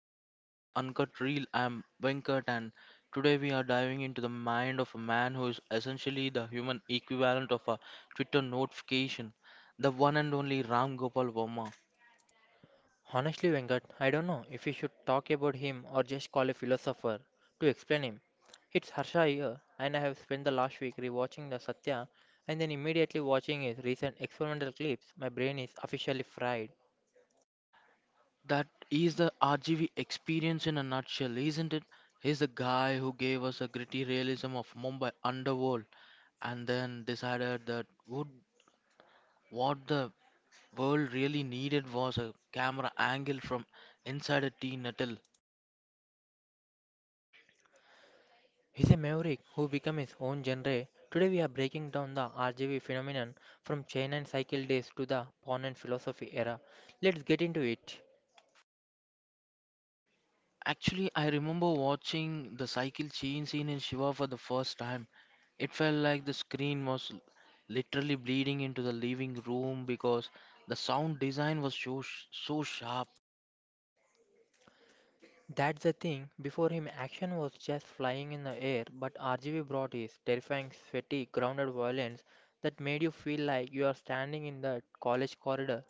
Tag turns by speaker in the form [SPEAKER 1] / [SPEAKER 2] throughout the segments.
[SPEAKER 1] episode of the Uncut Reel. I'm Venkat, and today we are diving into the mind of a man who is essentially the human equivalent of a Twitter notification, the one and only Ram Gopal Verma.
[SPEAKER 2] Honestly, Venkat, I don't know if we should talk about him or just call a philosopher to explain him. It's Harsha here, and I have spent the last week rewatching the Satya and then immediately watching his recent experimental clips. My brain is officially fried.
[SPEAKER 1] That is the RGV experience in a nutshell, isn't it? He's the guy who gave us a gritty realism of Mumbai underworld, and then decided that would what the world really needed was a camera angle from inside a tea nettle.
[SPEAKER 2] He's a maverick who became his own genre. Today, we are breaking down the RGB phenomenon from China and cycle days to the Pon and philosophy era. Let's get into it.
[SPEAKER 1] Actually, I remember watching the cycle chain scene in Shiva for the first time. It felt like the screen was literally bleeding into the living room because the sound design was so sharp.
[SPEAKER 2] That's the thing. Before him, action was just flying in the air, but RGV brought his terrifying, sweaty, grounded violence that made you feel like you are standing in the college corridor.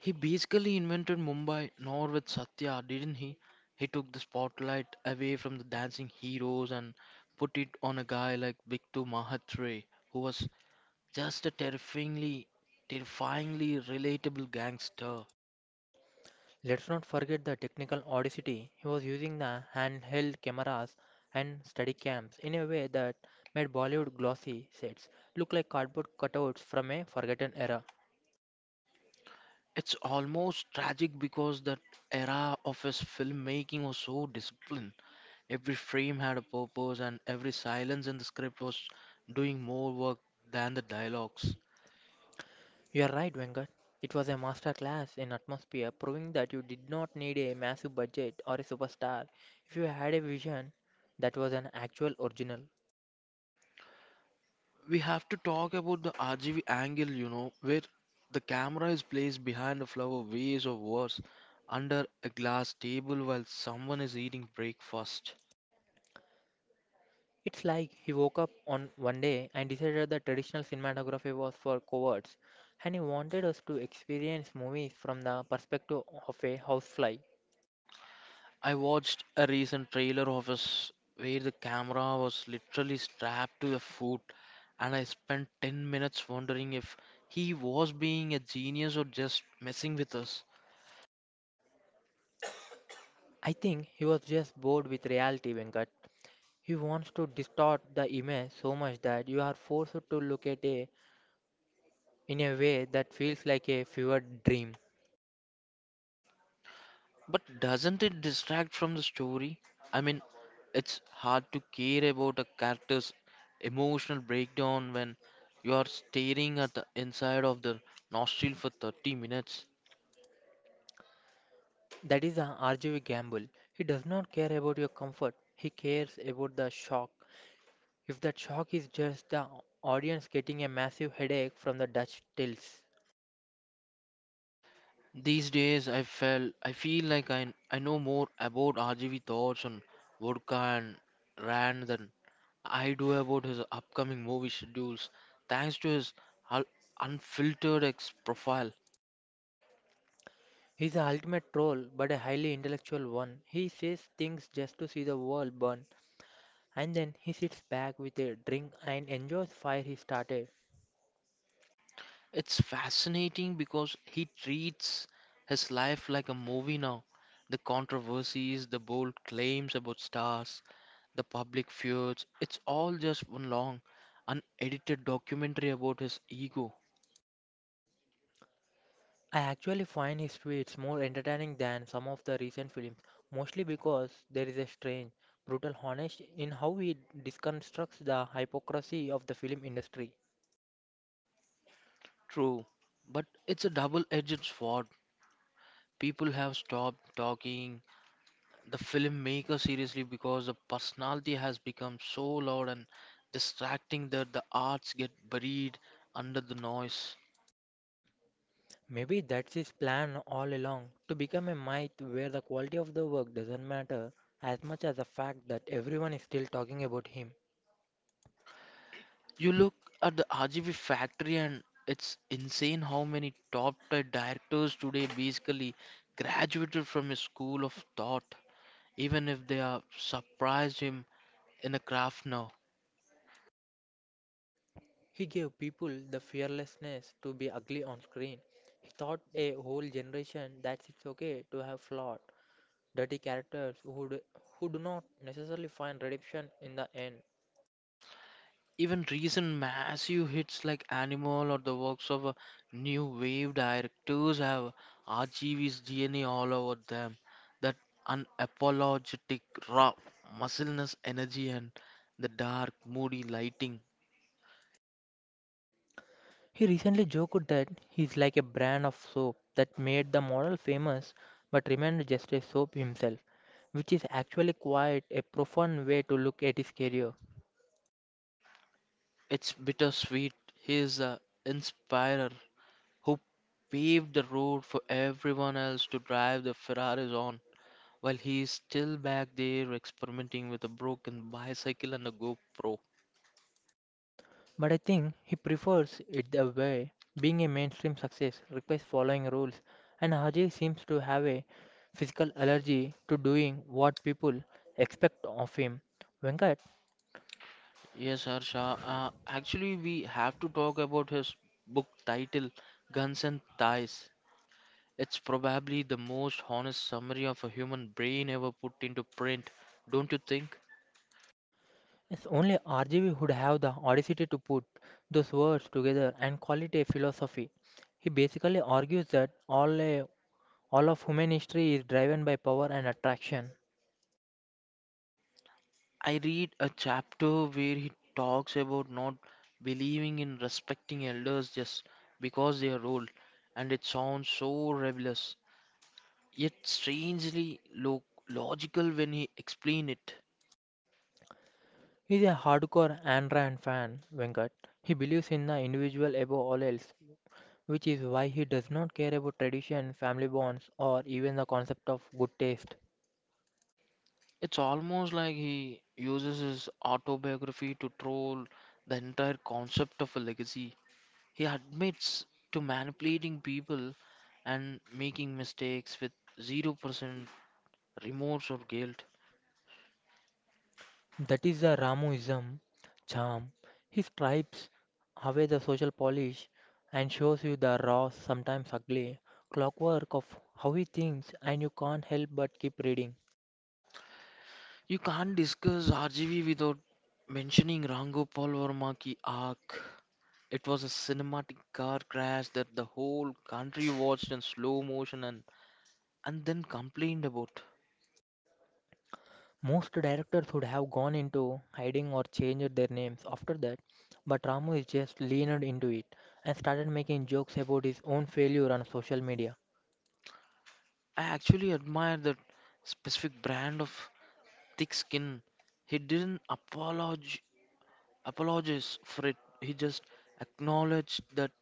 [SPEAKER 1] He basically invented Mumbai, nor with Satya, didn't he? He took the spotlight away from the dancing heroes and put it on a guy like Biktu Mahatre, who was just a terrifyingly, terrifyingly relatable gangster.
[SPEAKER 2] Let's not forget the technical audacity. He was using the handheld cameras and study cams in a way that made Bollywood glossy sets look like cardboard cutouts from a forgotten era.
[SPEAKER 1] It's almost tragic because that era of his filmmaking was so disciplined. Every frame had a purpose, and every silence in the script was doing more work than the dialogues.
[SPEAKER 2] You're right, Venkat. It was a master class in atmosphere, proving that you did not need a massive budget or a superstar if you had a vision that was an actual original.
[SPEAKER 1] We have to talk about the RGV angle, you know, where the camera is placed behind a flower vase or worse, under a glass table while someone is eating breakfast.
[SPEAKER 2] It's like he woke up on one day and decided that traditional cinematography was for cowards, and he wanted us to experience movies from the perspective of a housefly.
[SPEAKER 1] I watched a recent trailer of us where the camera was literally strapped to the foot, and I spent 10 minutes wondering if he was being a genius or just messing with us.
[SPEAKER 2] I think he was just bored with reality, Venkat. He wants to distort the image so much that you are forced to look at a in a way that feels like a fevered dream.
[SPEAKER 1] But doesn't it distract from the story? I mean, it's hard to care about a character's emotional breakdown when you are staring at the inside of their nostril for 30 minutes.
[SPEAKER 2] That is an RGV gamble. He does not care about your comfort, he cares about the shock, if that shock is just the audience getting a massive headache from the Dutch tills.
[SPEAKER 1] These days, I feel like I know more about RGV thoughts on vodka and Rand than I do about his upcoming movie schedules, thanks to his un- unfiltered ex profile.
[SPEAKER 2] He's the ultimate troll, but a highly intellectual one. He says things just to see the world burn, and then he sits back with a drink and enjoys fire he started.
[SPEAKER 1] It's fascinating because he treats his life like a movie now. The controversies, the bold claims about stars, the public feuds, it's all just one long, unedited documentary about his ego.
[SPEAKER 2] I actually find his tweets more entertaining than some of the recent films, mostly because there is a strange, brutal honesty in how he deconstructs the hypocrisy of the film industry.
[SPEAKER 1] True, but it's a double-edged sword. People have stopped talking the filmmaker seriously because the personality has become so loud and distracting that the arts get buried under the noise.
[SPEAKER 2] Maybe that's his plan all along, to become a myth where the quality of the work doesn't matter as much as the fact that everyone is still talking about him.
[SPEAKER 1] You look at the RGB factory, and it's insane how many top-tier directors today basically graduated from a school of thought, even if they are surprised him in a craft now.
[SPEAKER 2] He gave people the fearlessness to be ugly on screen. He taught a whole generation that it's okay to have flaws, dirty characters who do not necessarily find redemption in the end.
[SPEAKER 1] Even recent massive hits like Animal or the works of new wave directors have RGV's DNA all over them. That unapologetic, raw muscleness energy and the dark, moody lighting.
[SPEAKER 2] He recently joked that he's like a brand of soap that made the model famous but remained just a soap himself, which is actually quite a profound way to look at his career.
[SPEAKER 1] It's bittersweet. He's an inspirer who paved the road for everyone else to drive the Ferraris on, while he is still back there experimenting with a broken bicycle and a GoPro.
[SPEAKER 2] But I think he prefers it the way, being a mainstream success requires following rules, and Haji seems to have a physical allergy to doing what people expect of him. Venkat.
[SPEAKER 1] Yes, Harsha. Actually, we have to talk about his book title, Guns and Thighs. It's probably the most honest summary of a human brain ever put into print, don't you think?
[SPEAKER 2] Yes, only R.G.B. would have the audacity to put those words together and call it a philosophy. He basically argues that all of human history is driven by power and attraction.
[SPEAKER 1] I read a chapter where he talks about not believing in respecting elders just because they are old, and it sounds so rebellious, yet strangely logical when he explained it.
[SPEAKER 2] He's a hardcore Ayn Rand fan, Venkat. He believes in the individual above all else, which is why he does not care about tradition, family bonds, or even the concept of good taste.
[SPEAKER 1] It's almost like he uses his autobiography to troll the entire concept of a legacy. He admits to manipulating people and making mistakes with 0% remorse or guilt.
[SPEAKER 2] That is the Ramuism charm. He stripes away the social polish and shows you the raw, sometimes ugly, clockwork of how he thinks, and you can't help but keep reading.
[SPEAKER 1] You can't discuss RGV without mentioning Rango Paul Verma ki arc. It was a cinematic car crash that the whole country watched in slow motion and, then complained about.
[SPEAKER 2] Most directors would have gone into hiding or changed their names after that, but Ramu is just leaned into it and started making jokes about his own failure on social media.
[SPEAKER 1] I actually admire that specific brand of thick skin. He didn't apologize for it. He just acknowledged that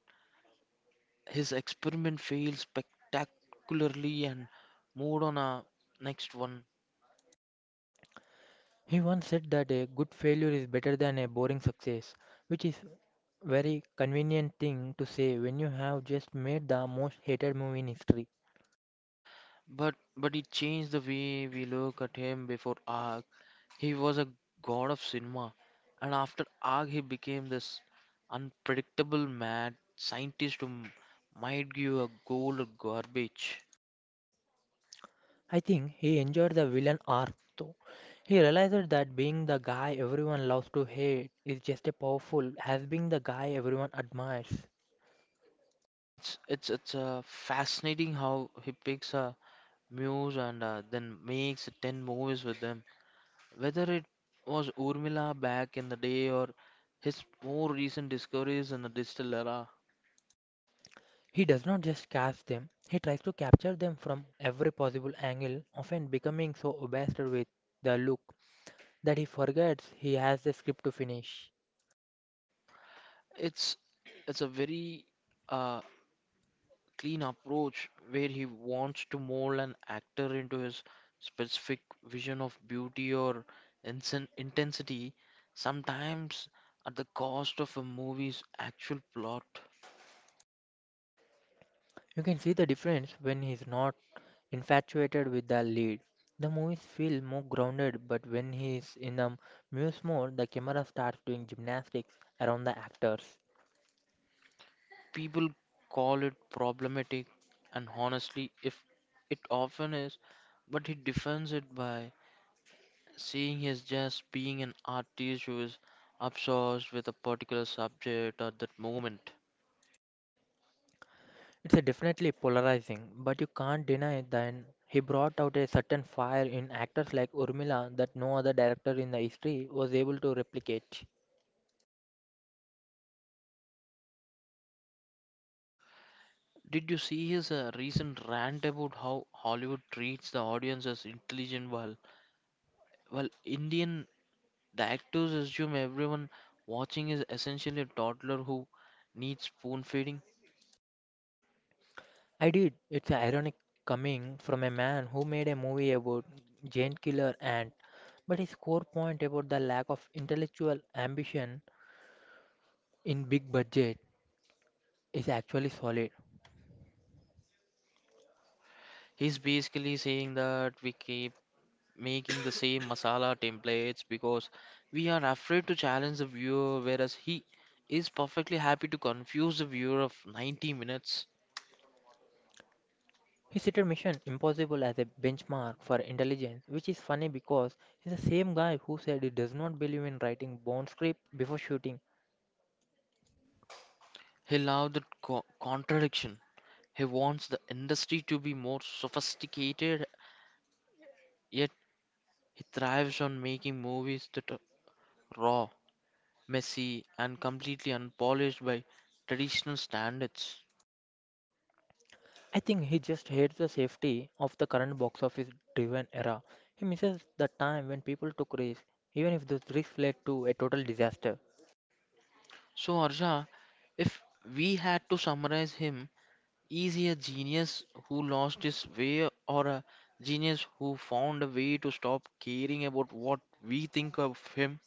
[SPEAKER 1] his experiment failed spectacularly and moved on a next one.
[SPEAKER 2] He once said that a good failure is better than a boring success, which is very convenient thing to say when you have just made the most hated movie in history.
[SPEAKER 1] But it changed the way we look at him before ARG. He was a god of cinema, and after ARG, he became this unpredictable mad scientist who might give a gold or garbage.
[SPEAKER 2] I think he enjoyed the villain arc though. He realized that being the guy everyone loves to hate is just as powerful as being the guy everyone admires.
[SPEAKER 1] It's Fascinating how he picks a Muse and then makes 10 movies with them. Whether it was Urmila back in the day or his more recent discoveries in the digital era,
[SPEAKER 2] He does not just cast them, he tries to capture them from every possible angle, often becoming so obsessed with the look that he forgets he has the script to finish.
[SPEAKER 1] it's it's a very uh, clean approach where he wants to mold an actor into his specific vision of beauty or intensity, sometimes at the cost of a movie's actual plot.
[SPEAKER 2] You can see the difference when he's not infatuated with the lead. The movies feel more grounded, but when he is in a muse mode, the camera starts doing gymnastics around the actors.
[SPEAKER 1] People call it problematic, and honestly, if it often is, but he defends it by saying he's just being an artist who is obsessed with a particular subject at that moment.
[SPEAKER 2] It's a definitely polarizing, but you can't deny that he brought out a certain fire in actors like Urmila that no other director in the history was able to replicate.
[SPEAKER 1] Did you see his recent rant about how Hollywood treats the audience as intelligent while Indian directors assume everyone watching is essentially a toddler who needs spoon feeding?
[SPEAKER 2] I did. It's ironic coming from a man who made a movie about giant killer ant, but his core point about the lack of intellectual ambition in big budget is actually solid.
[SPEAKER 1] He's basically saying that we keep making the same masala templates because we are afraid to challenge the viewer, whereas he is perfectly happy to confuse the viewer of 90 minutes.
[SPEAKER 2] His set mission impossible as a benchmark for intelligence, which is funny because he's the same guy who said he does not believe in writing Bond script before shooting.
[SPEAKER 1] He loves the contradiction. He wants the industry to be more sophisticated, yet he thrives on making movies that are raw, messy, and completely unpolished by traditional standards.
[SPEAKER 2] I think he just hates the safety of the current box office driven era. He misses the time when people took risks, even if those risks led to a total disaster.
[SPEAKER 1] So, Arja, if we had to summarize him, is he a genius who lost his way, or a genius who found a way to stop caring about what we think of him?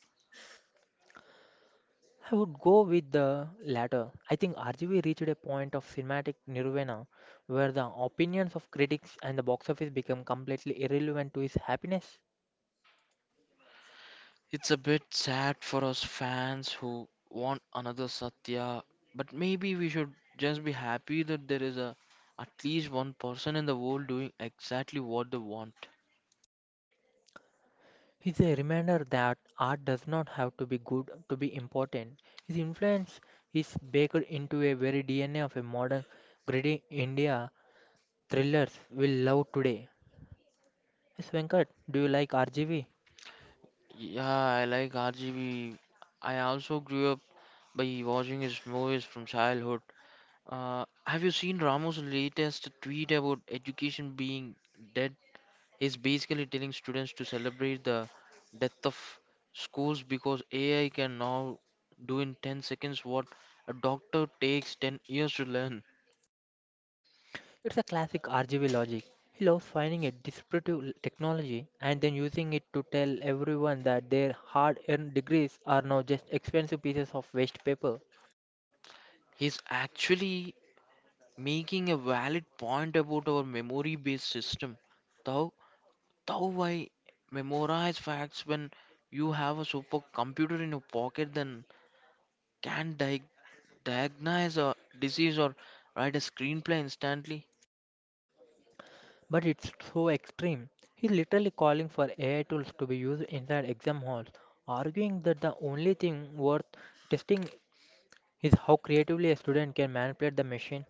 [SPEAKER 2] I would go with the latter. I think RGB reached a point of cinematic nirvana where the opinions of critics and the box office become completely irrelevant to his happiness.
[SPEAKER 1] It's a bit sad for us fans who want another Satya, but maybe we should just be happy that there is a at least one person in the world doing exactly what they want.
[SPEAKER 2] It's a reminder that art does not have to be good to be important. His influence is baked into a very DNA of a modern gritty India thrillers we love today. Yes, Venkat, do you like RGV?
[SPEAKER 1] Yeah, I like RGB. I also grew up by watching his movies from childhood. Have you seen Ramo's latest tweet about education being dead? He's basically telling students to celebrate the death of schools because AI can now do in 10 seconds what a doctor takes 10 years to learn.
[SPEAKER 2] It's a classic RGV logic. He loves finding a disparate technology and then using it to tell everyone that their hard earned degrees are now just expensive pieces of waste paper.
[SPEAKER 1] He's actually making a valid point about our memory based system. Thou, why memorize facts when you have a supercomputer in your pocket, then can not diagnose a disease or write a screenplay instantly.
[SPEAKER 2] But it's so extreme. He's literally calling for AI tools to be used inside exam halls, arguing that the only thing worth testing is how creatively a student can manipulate the machine.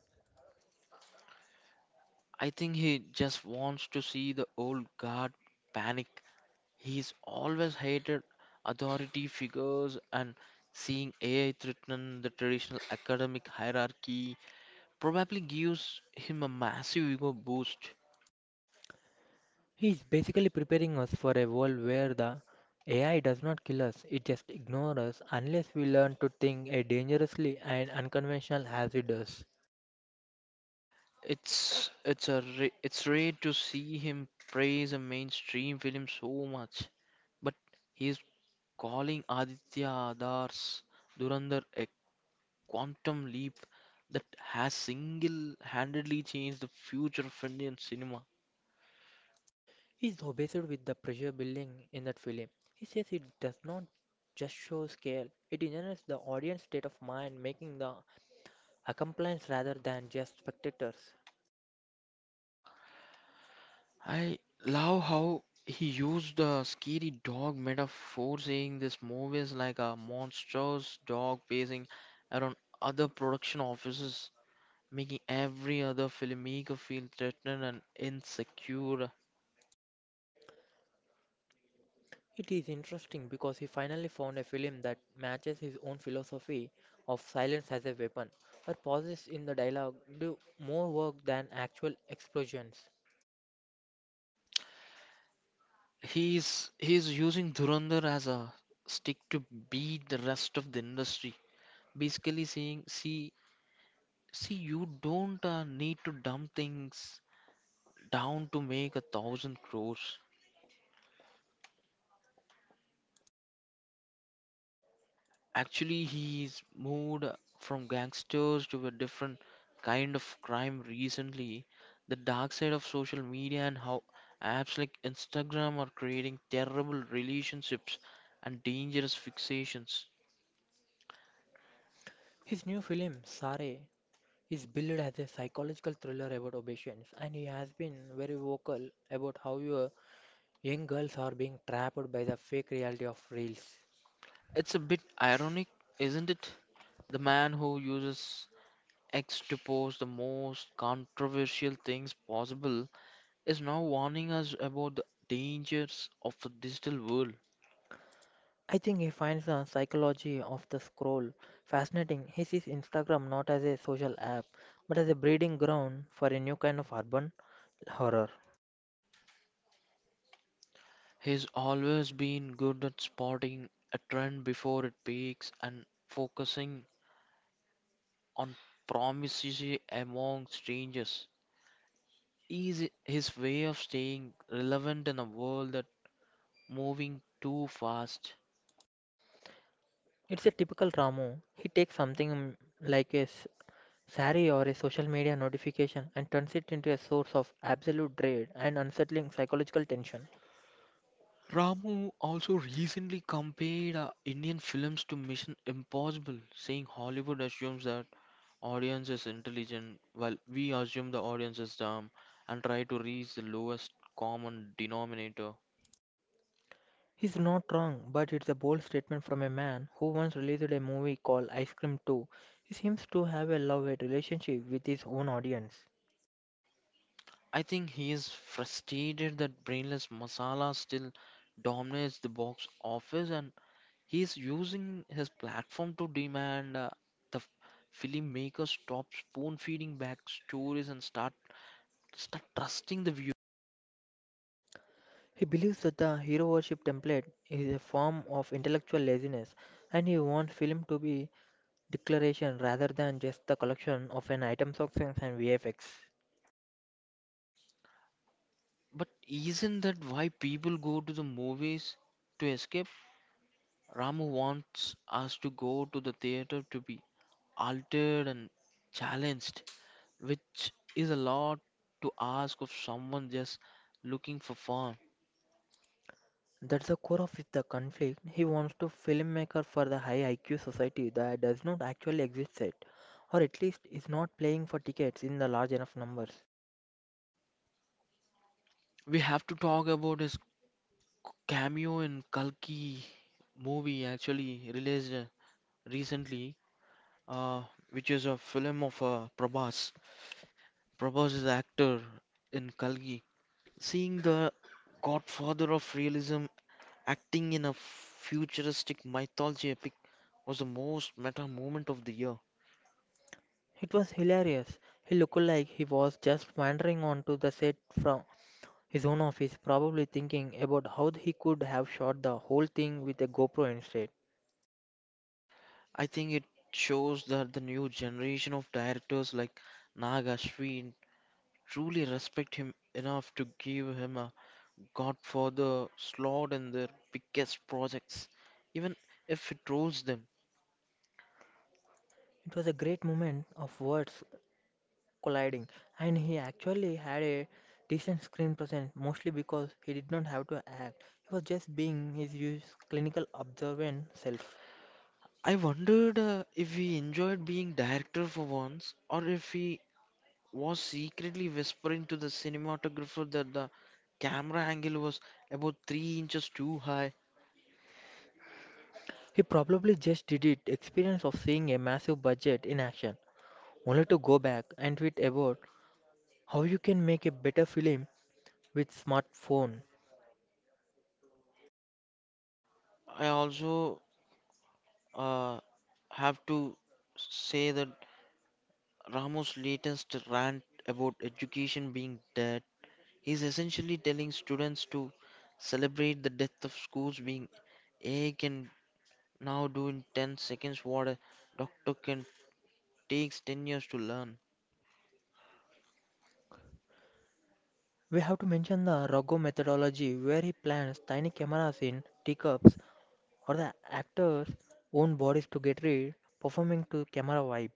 [SPEAKER 1] I think he just wants to see the old guard panic. He's always hated authority figures, and seeing AI threaten the traditional academic hierarchy probably gives him a massive ego boost.
[SPEAKER 2] He's basically preparing us for a world where the AI does not kill us, it just ignores us unless we learn to think as dangerously and unconventional as it does.
[SPEAKER 1] It's rare to see him praise a mainstream film so much, but he's calling Aditya Adar's Durandar quantum leap that has single handedly changed the future of Indian cinema.
[SPEAKER 2] He's obsessed with the pressure building in that film. He says it does not just show scale, it engenders the audience state of mind, making the accomplices rather than just spectators.
[SPEAKER 1] I love how he used the scary dog metaphor, saying this movie is like a monstrous dog pacing around other production offices, making every other filmmaker feel threatened and insecure.
[SPEAKER 2] It is interesting because he finally found a film that matches his own philosophy of silence as a weapon, but pauses in the dialogue do more work than actual explosions.
[SPEAKER 1] He's using Dhurandhar as a stick to beat the rest of the industry, basically saying, "See, see, you don't need to dumb things down to make 1,000 crores." Actually, he's moved from gangsters to a different kind of crime recently. The dark side of social media and how apps like Instagram are creating terrible relationships and dangerous fixations.
[SPEAKER 2] His new film, Sare, is billed as a psychological thriller about obsessions, and he has been very vocal about how your young girls are being trapped by the fake reality of reels.
[SPEAKER 1] It's a bit ironic, isn't it? The man who uses X to post the most controversial things possible is now warning us about the dangers of the digital world.
[SPEAKER 2] I think he finds the psychology of the scroll fascinating. He sees Instagram not as a social app, but as a breeding ground for a new kind of urban horror.
[SPEAKER 1] He's always been good at spotting a trend before it peaks, and focusing on promises among strangers. Is his way of staying relevant in a world that's moving too fast.
[SPEAKER 2] It's a typical Ramu. He takes something, like a sari or a social media notification, and turns it into a source of absolute dread and unsettling psychological tension.
[SPEAKER 1] Ramu also recently compared Indian films to Mission Impossible, saying Hollywood assumes that audience is intelligent, while we assume the audience is dumb and try to reach the lowest common denominator.
[SPEAKER 2] He's not wrong, but it's a bold statement from a man who once released a movie called Ice Cream 2. He seems to have a love hate relationship with his own audience.
[SPEAKER 1] I think he is frustrated that brainless masala still dominates the box office, and he is using his platform to demand the filmmakers stop spoon feeding back stories and start trusting the viewer.
[SPEAKER 2] He believes that the hero worship template is a form of intellectual laziness, and he wants film to be declaration rather than just the collection of an items of things and VFX.
[SPEAKER 1] But isn't that why people go to the movies to escape? Ramu wants us to go to the theater to be altered and challenged, which is a lot to ask of someone just looking for fun.
[SPEAKER 2] That's the core of the conflict. He wants to filmmaker for the high IQ society that does not actually exist yet, or at least is not playing for tickets in the large enough numbers.
[SPEAKER 1] We have to talk about his cameo in Kalki movie, actually released recently, uh, which is a film of Prabhas. Prabhas is actor in Kalki. Seeing the godfather of realism acting in a futuristic mythology epic was the most meta moment of the year.
[SPEAKER 2] It was hilarious. He looked like he was just wandering onto the set from his own office, probably thinking about how he could have shot the whole thing with a GoPro instead.
[SPEAKER 1] I think it shows that the new generation of directors like Nag Ashwin truly respect him enough to give him a godfather slot in their biggest projects, even if it trolls them.
[SPEAKER 2] It was a great moment of words colliding, and he actually had a decent screen presence mostly because he did not have to act. He was just being his usual clinical observant self.
[SPEAKER 1] I wondered if he enjoyed being director for once, or if he was secretly whispering to the cinematographer that the camera angle was about 3 inches too high.
[SPEAKER 2] He probably just did it, experience of seeing a massive budget in action, only to go back and tweet about how you can make a better film with smartphone.
[SPEAKER 1] I also uh, have to say that Ramos' latest rant about education being dead is essentially telling students to celebrate the death of schools being A can now do in 10 seconds what a doctor can takes 10 years to learn.
[SPEAKER 2] We have to mention the Rago methodology where he plants tiny cameras in teacups or the actor's own bodies to get read, performing to camera vibe.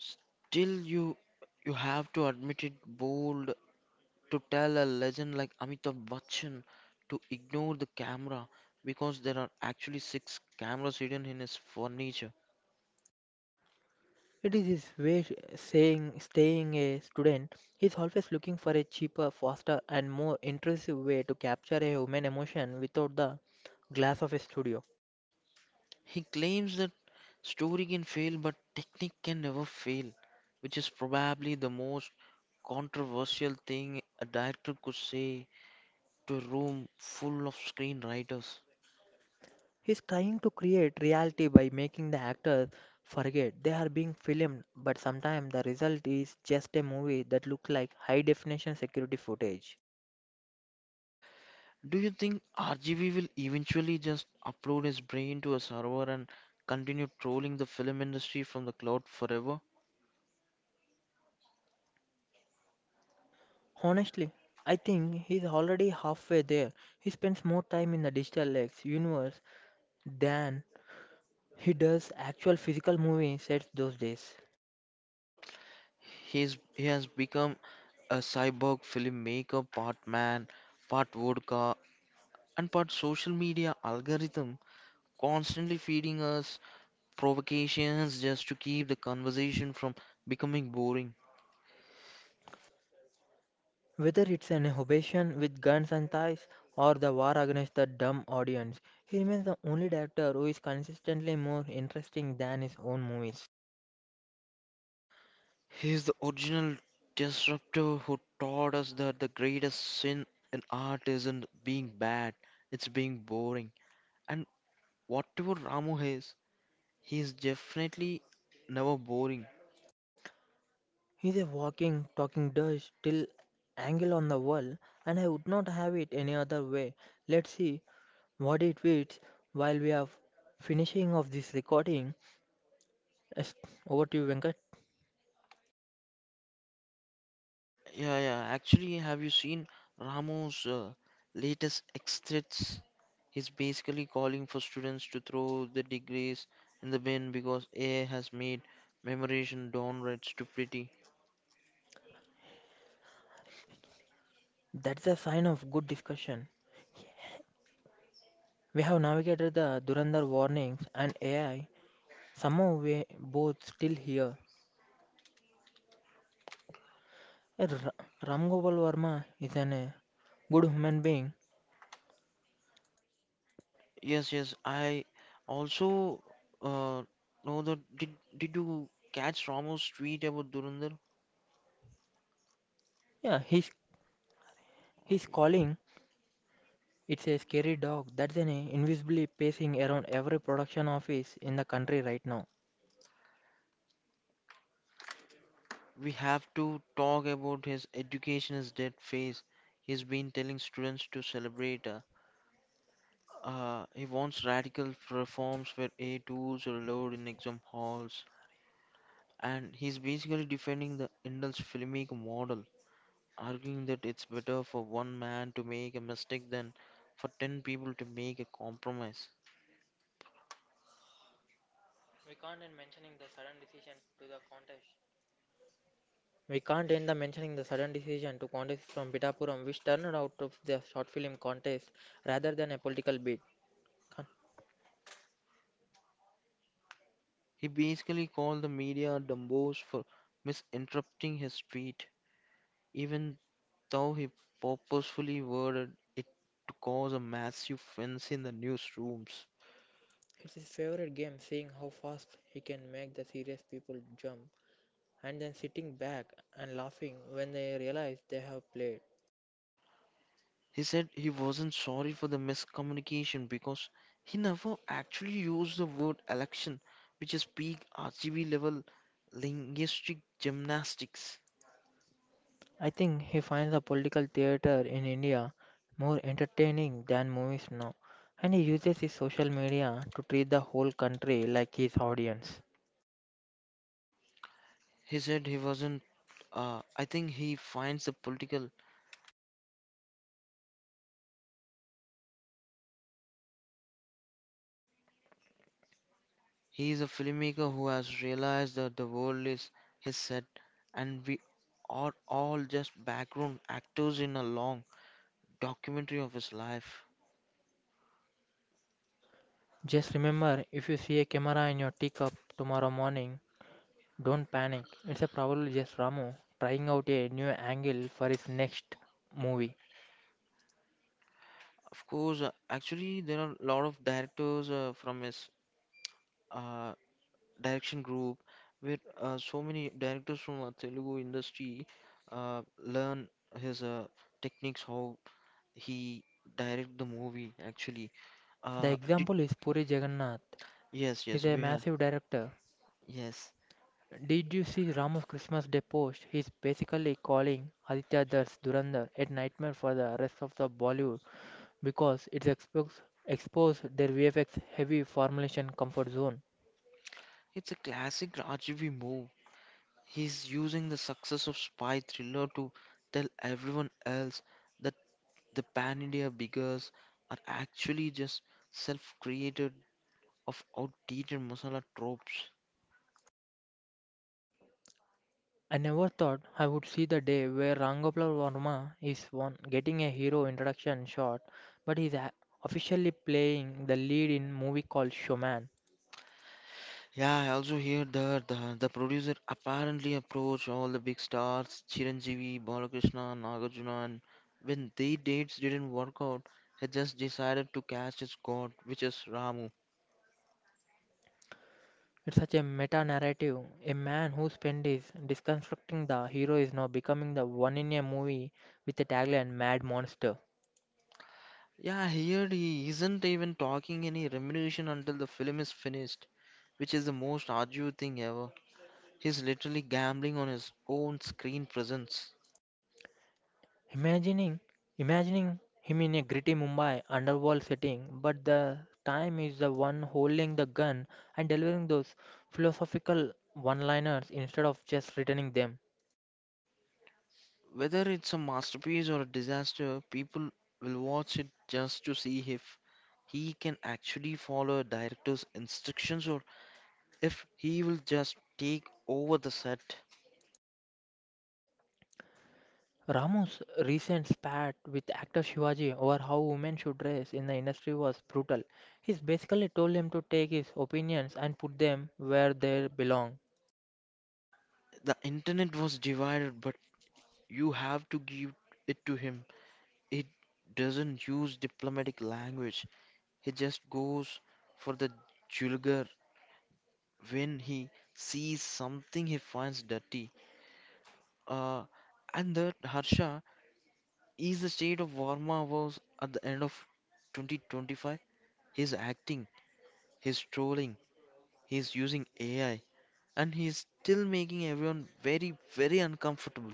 [SPEAKER 1] Still, you have to admit it bold to tell a legend like Amitabh Bachchan to ignore the camera because there are actually 6 cameras hidden in his furniture.
[SPEAKER 2] It is his way saying staying a student, he's always looking for a cheaper, faster and more intrusive way to capture a human emotion without the glass of a studio.
[SPEAKER 1] He claims that story can fail, but technique can never fail, which is probably the most controversial thing a director could say to a room full of screenwriters.
[SPEAKER 2] He's trying to create reality by making the actors forget they are being filmed, but sometimes the result is just a movie that looks like high definition security footage.
[SPEAKER 1] Do you think RGV will eventually just upload his brain to a server and continue trolling the film industry from the cloud forever?
[SPEAKER 2] Honestly, I think he's already halfway there. He spends more time in the digital X universe than he does actual physical movie sets those days.
[SPEAKER 1] He has become a cyborg filmmaker, part man, part vodka, and part social media algorithm, constantly feeding us provocations just to keep the conversation from becoming boring.
[SPEAKER 2] Whether it's an Hobation with guns and thighs or the war against the dumb audience, he remains the only director who is consistently more interesting than his own movies.
[SPEAKER 1] He's the original disruptor who taught us that the greatest sin in art isn't being bad, it's being boring. And whatever Ramu is, he is definitely never boring.
[SPEAKER 2] He's a walking, talking dust till angle on the wall, and I would not have it any other way. Let's see what it fits while we are finishing of this recording. Yes, over to you, Venkat.
[SPEAKER 1] Yeah, yeah. Actually, have you seen Ramu's latest extracts? He's basically calling for students to throw their degrees in the bin because AI has made memorization downright stupidity.
[SPEAKER 2] That's a sign of good discussion. We have navigated the Durandar warnings and AI. Somehow we both still here. Ram Gopal Varma is an a good human being.
[SPEAKER 1] Yes, yes. I also uh, know that. Did you catch Ramu's tweet about Durandar?
[SPEAKER 2] Yeah, he's calling. It's a scary dog that's an invisibly pacing around every production office in the country right now.
[SPEAKER 1] We have to talk about his education is dead phase. He's been telling students to celebrate. He wants radical reforms where A tools are allowed in exam halls, and he's basically defending the Indian filmic model, arguing that it's better for one man to make a mistake than for 10 people to make a compromise.
[SPEAKER 2] We can't end the mentioning the sudden decision to contest from Pitapuram, which turned out of the short film contest rather than a political bid. Con-
[SPEAKER 1] He basically called the media dumbos for misinterpreting his tweet, even though he purposefully worded it to cause a massive fence in the newsrooms.
[SPEAKER 2] It's his favorite game, seeing how fast he can make the serious people jump and then sitting back and laughing when they realize they have played.
[SPEAKER 1] He said he wasn't sorry for the miscommunication because he never actually used the word election, which is peak RGB level linguistic gymnastics.
[SPEAKER 2] I think he finds the political theatre in India more entertaining than movies now, and he uses his social media to treat the whole country like his audience.
[SPEAKER 1] He said he wasn't. I think he finds the political. He He is a filmmaker who has realized that the world is his set, and we are all just background actors in a long documentary of his life.
[SPEAKER 2] Just remember, if you see a camera in your teacup tomorrow morning, don't panic. It's a probably just Ramu trying out a new angle for his next movie.
[SPEAKER 1] Of course, actually, there are a lot of directors from his uh, direction group where so many directors from our Telugu industry uh, learn his techniques how he direct the movie actually
[SPEAKER 2] The
[SPEAKER 1] uh, d-
[SPEAKER 2] example is Puri Jagannath.
[SPEAKER 1] yes
[SPEAKER 2] He's
[SPEAKER 1] yes
[SPEAKER 2] a
[SPEAKER 1] we have
[SPEAKER 2] massive director.
[SPEAKER 1] yes.
[SPEAKER 2] Did you see Ramu's Christmas Day post? He's basically calling Aditya Das Durandar a nightmare for the rest of the Bollywood because it's exposed their VFX heavy formulation comfort zone.
[SPEAKER 1] It's a classic Rajiv move. He's using the success of spy thriller to tell everyone else that the pan India beggars are actually just self created of outdated masala tropes.
[SPEAKER 2] I never thought I would see the day where Rangapal Verma is one getting a hero introduction shot, but he's officially playing the lead in movie called Showman.
[SPEAKER 1] Yeah, I also hear that the producer apparently approached all the big stars, Chiranjeevi, Balakrishna, Nagarjuna, and when their dates didn't work out, he just decided to cast his god, which is Ramu.
[SPEAKER 2] It's such a meta narrative. A man who spent is deconstructing the hero is now becoming the one in a movie with a tagline Mad Monster.
[SPEAKER 1] Yeah, here he isn't even talking any remuneration until the film is finished, which is the most arduous thing ever. He's literally gambling on his own screen presence.
[SPEAKER 2] Imagining imagining him in a gritty Mumbai underworld setting, but the time is the one holding the gun and delivering those philosophical one liners instead of just returning them.
[SPEAKER 1] Whether it's a masterpiece or a disaster, people will watch it just to see if he can actually follow a director's instructions or if he will just take over the set.
[SPEAKER 2] Ramu's recent spat with actor Shivaji over how women should dress in the industry was brutal. He basically told him to take his opinions and put them where they belong.
[SPEAKER 1] The internet was divided, but you have to give it to him. It doesn't use diplomatic language, he just goes for the jugular when he sees something he finds dirty. Uh, and that, Harsha, is the state of Varma was at the end of 2025? He's acting, he's trolling, he's using AI, and he's still making everyone very, very uncomfortable.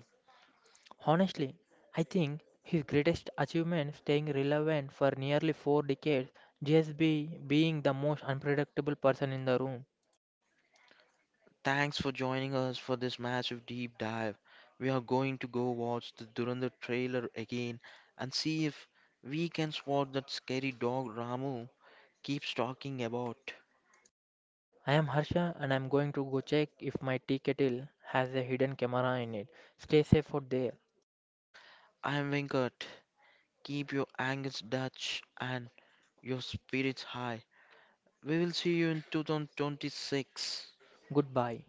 [SPEAKER 2] Honestly, I think his greatest achievement staying relevant for nearly 4 decades, just be being the most unpredictable person in the room.
[SPEAKER 1] Thanks for joining us for this massive deep dive. We are going to go watch the Durandar trailer again and see if we can spot that scary dog Ramu keeps talking about.
[SPEAKER 2] I am Harsha and I'm going to go check if my tea kettle has a hidden camera in it. Stay safe out there.
[SPEAKER 1] I'm Venkat. Keep your angles Dutch and your spirits high. We will see you in 2026.
[SPEAKER 2] Goodbye.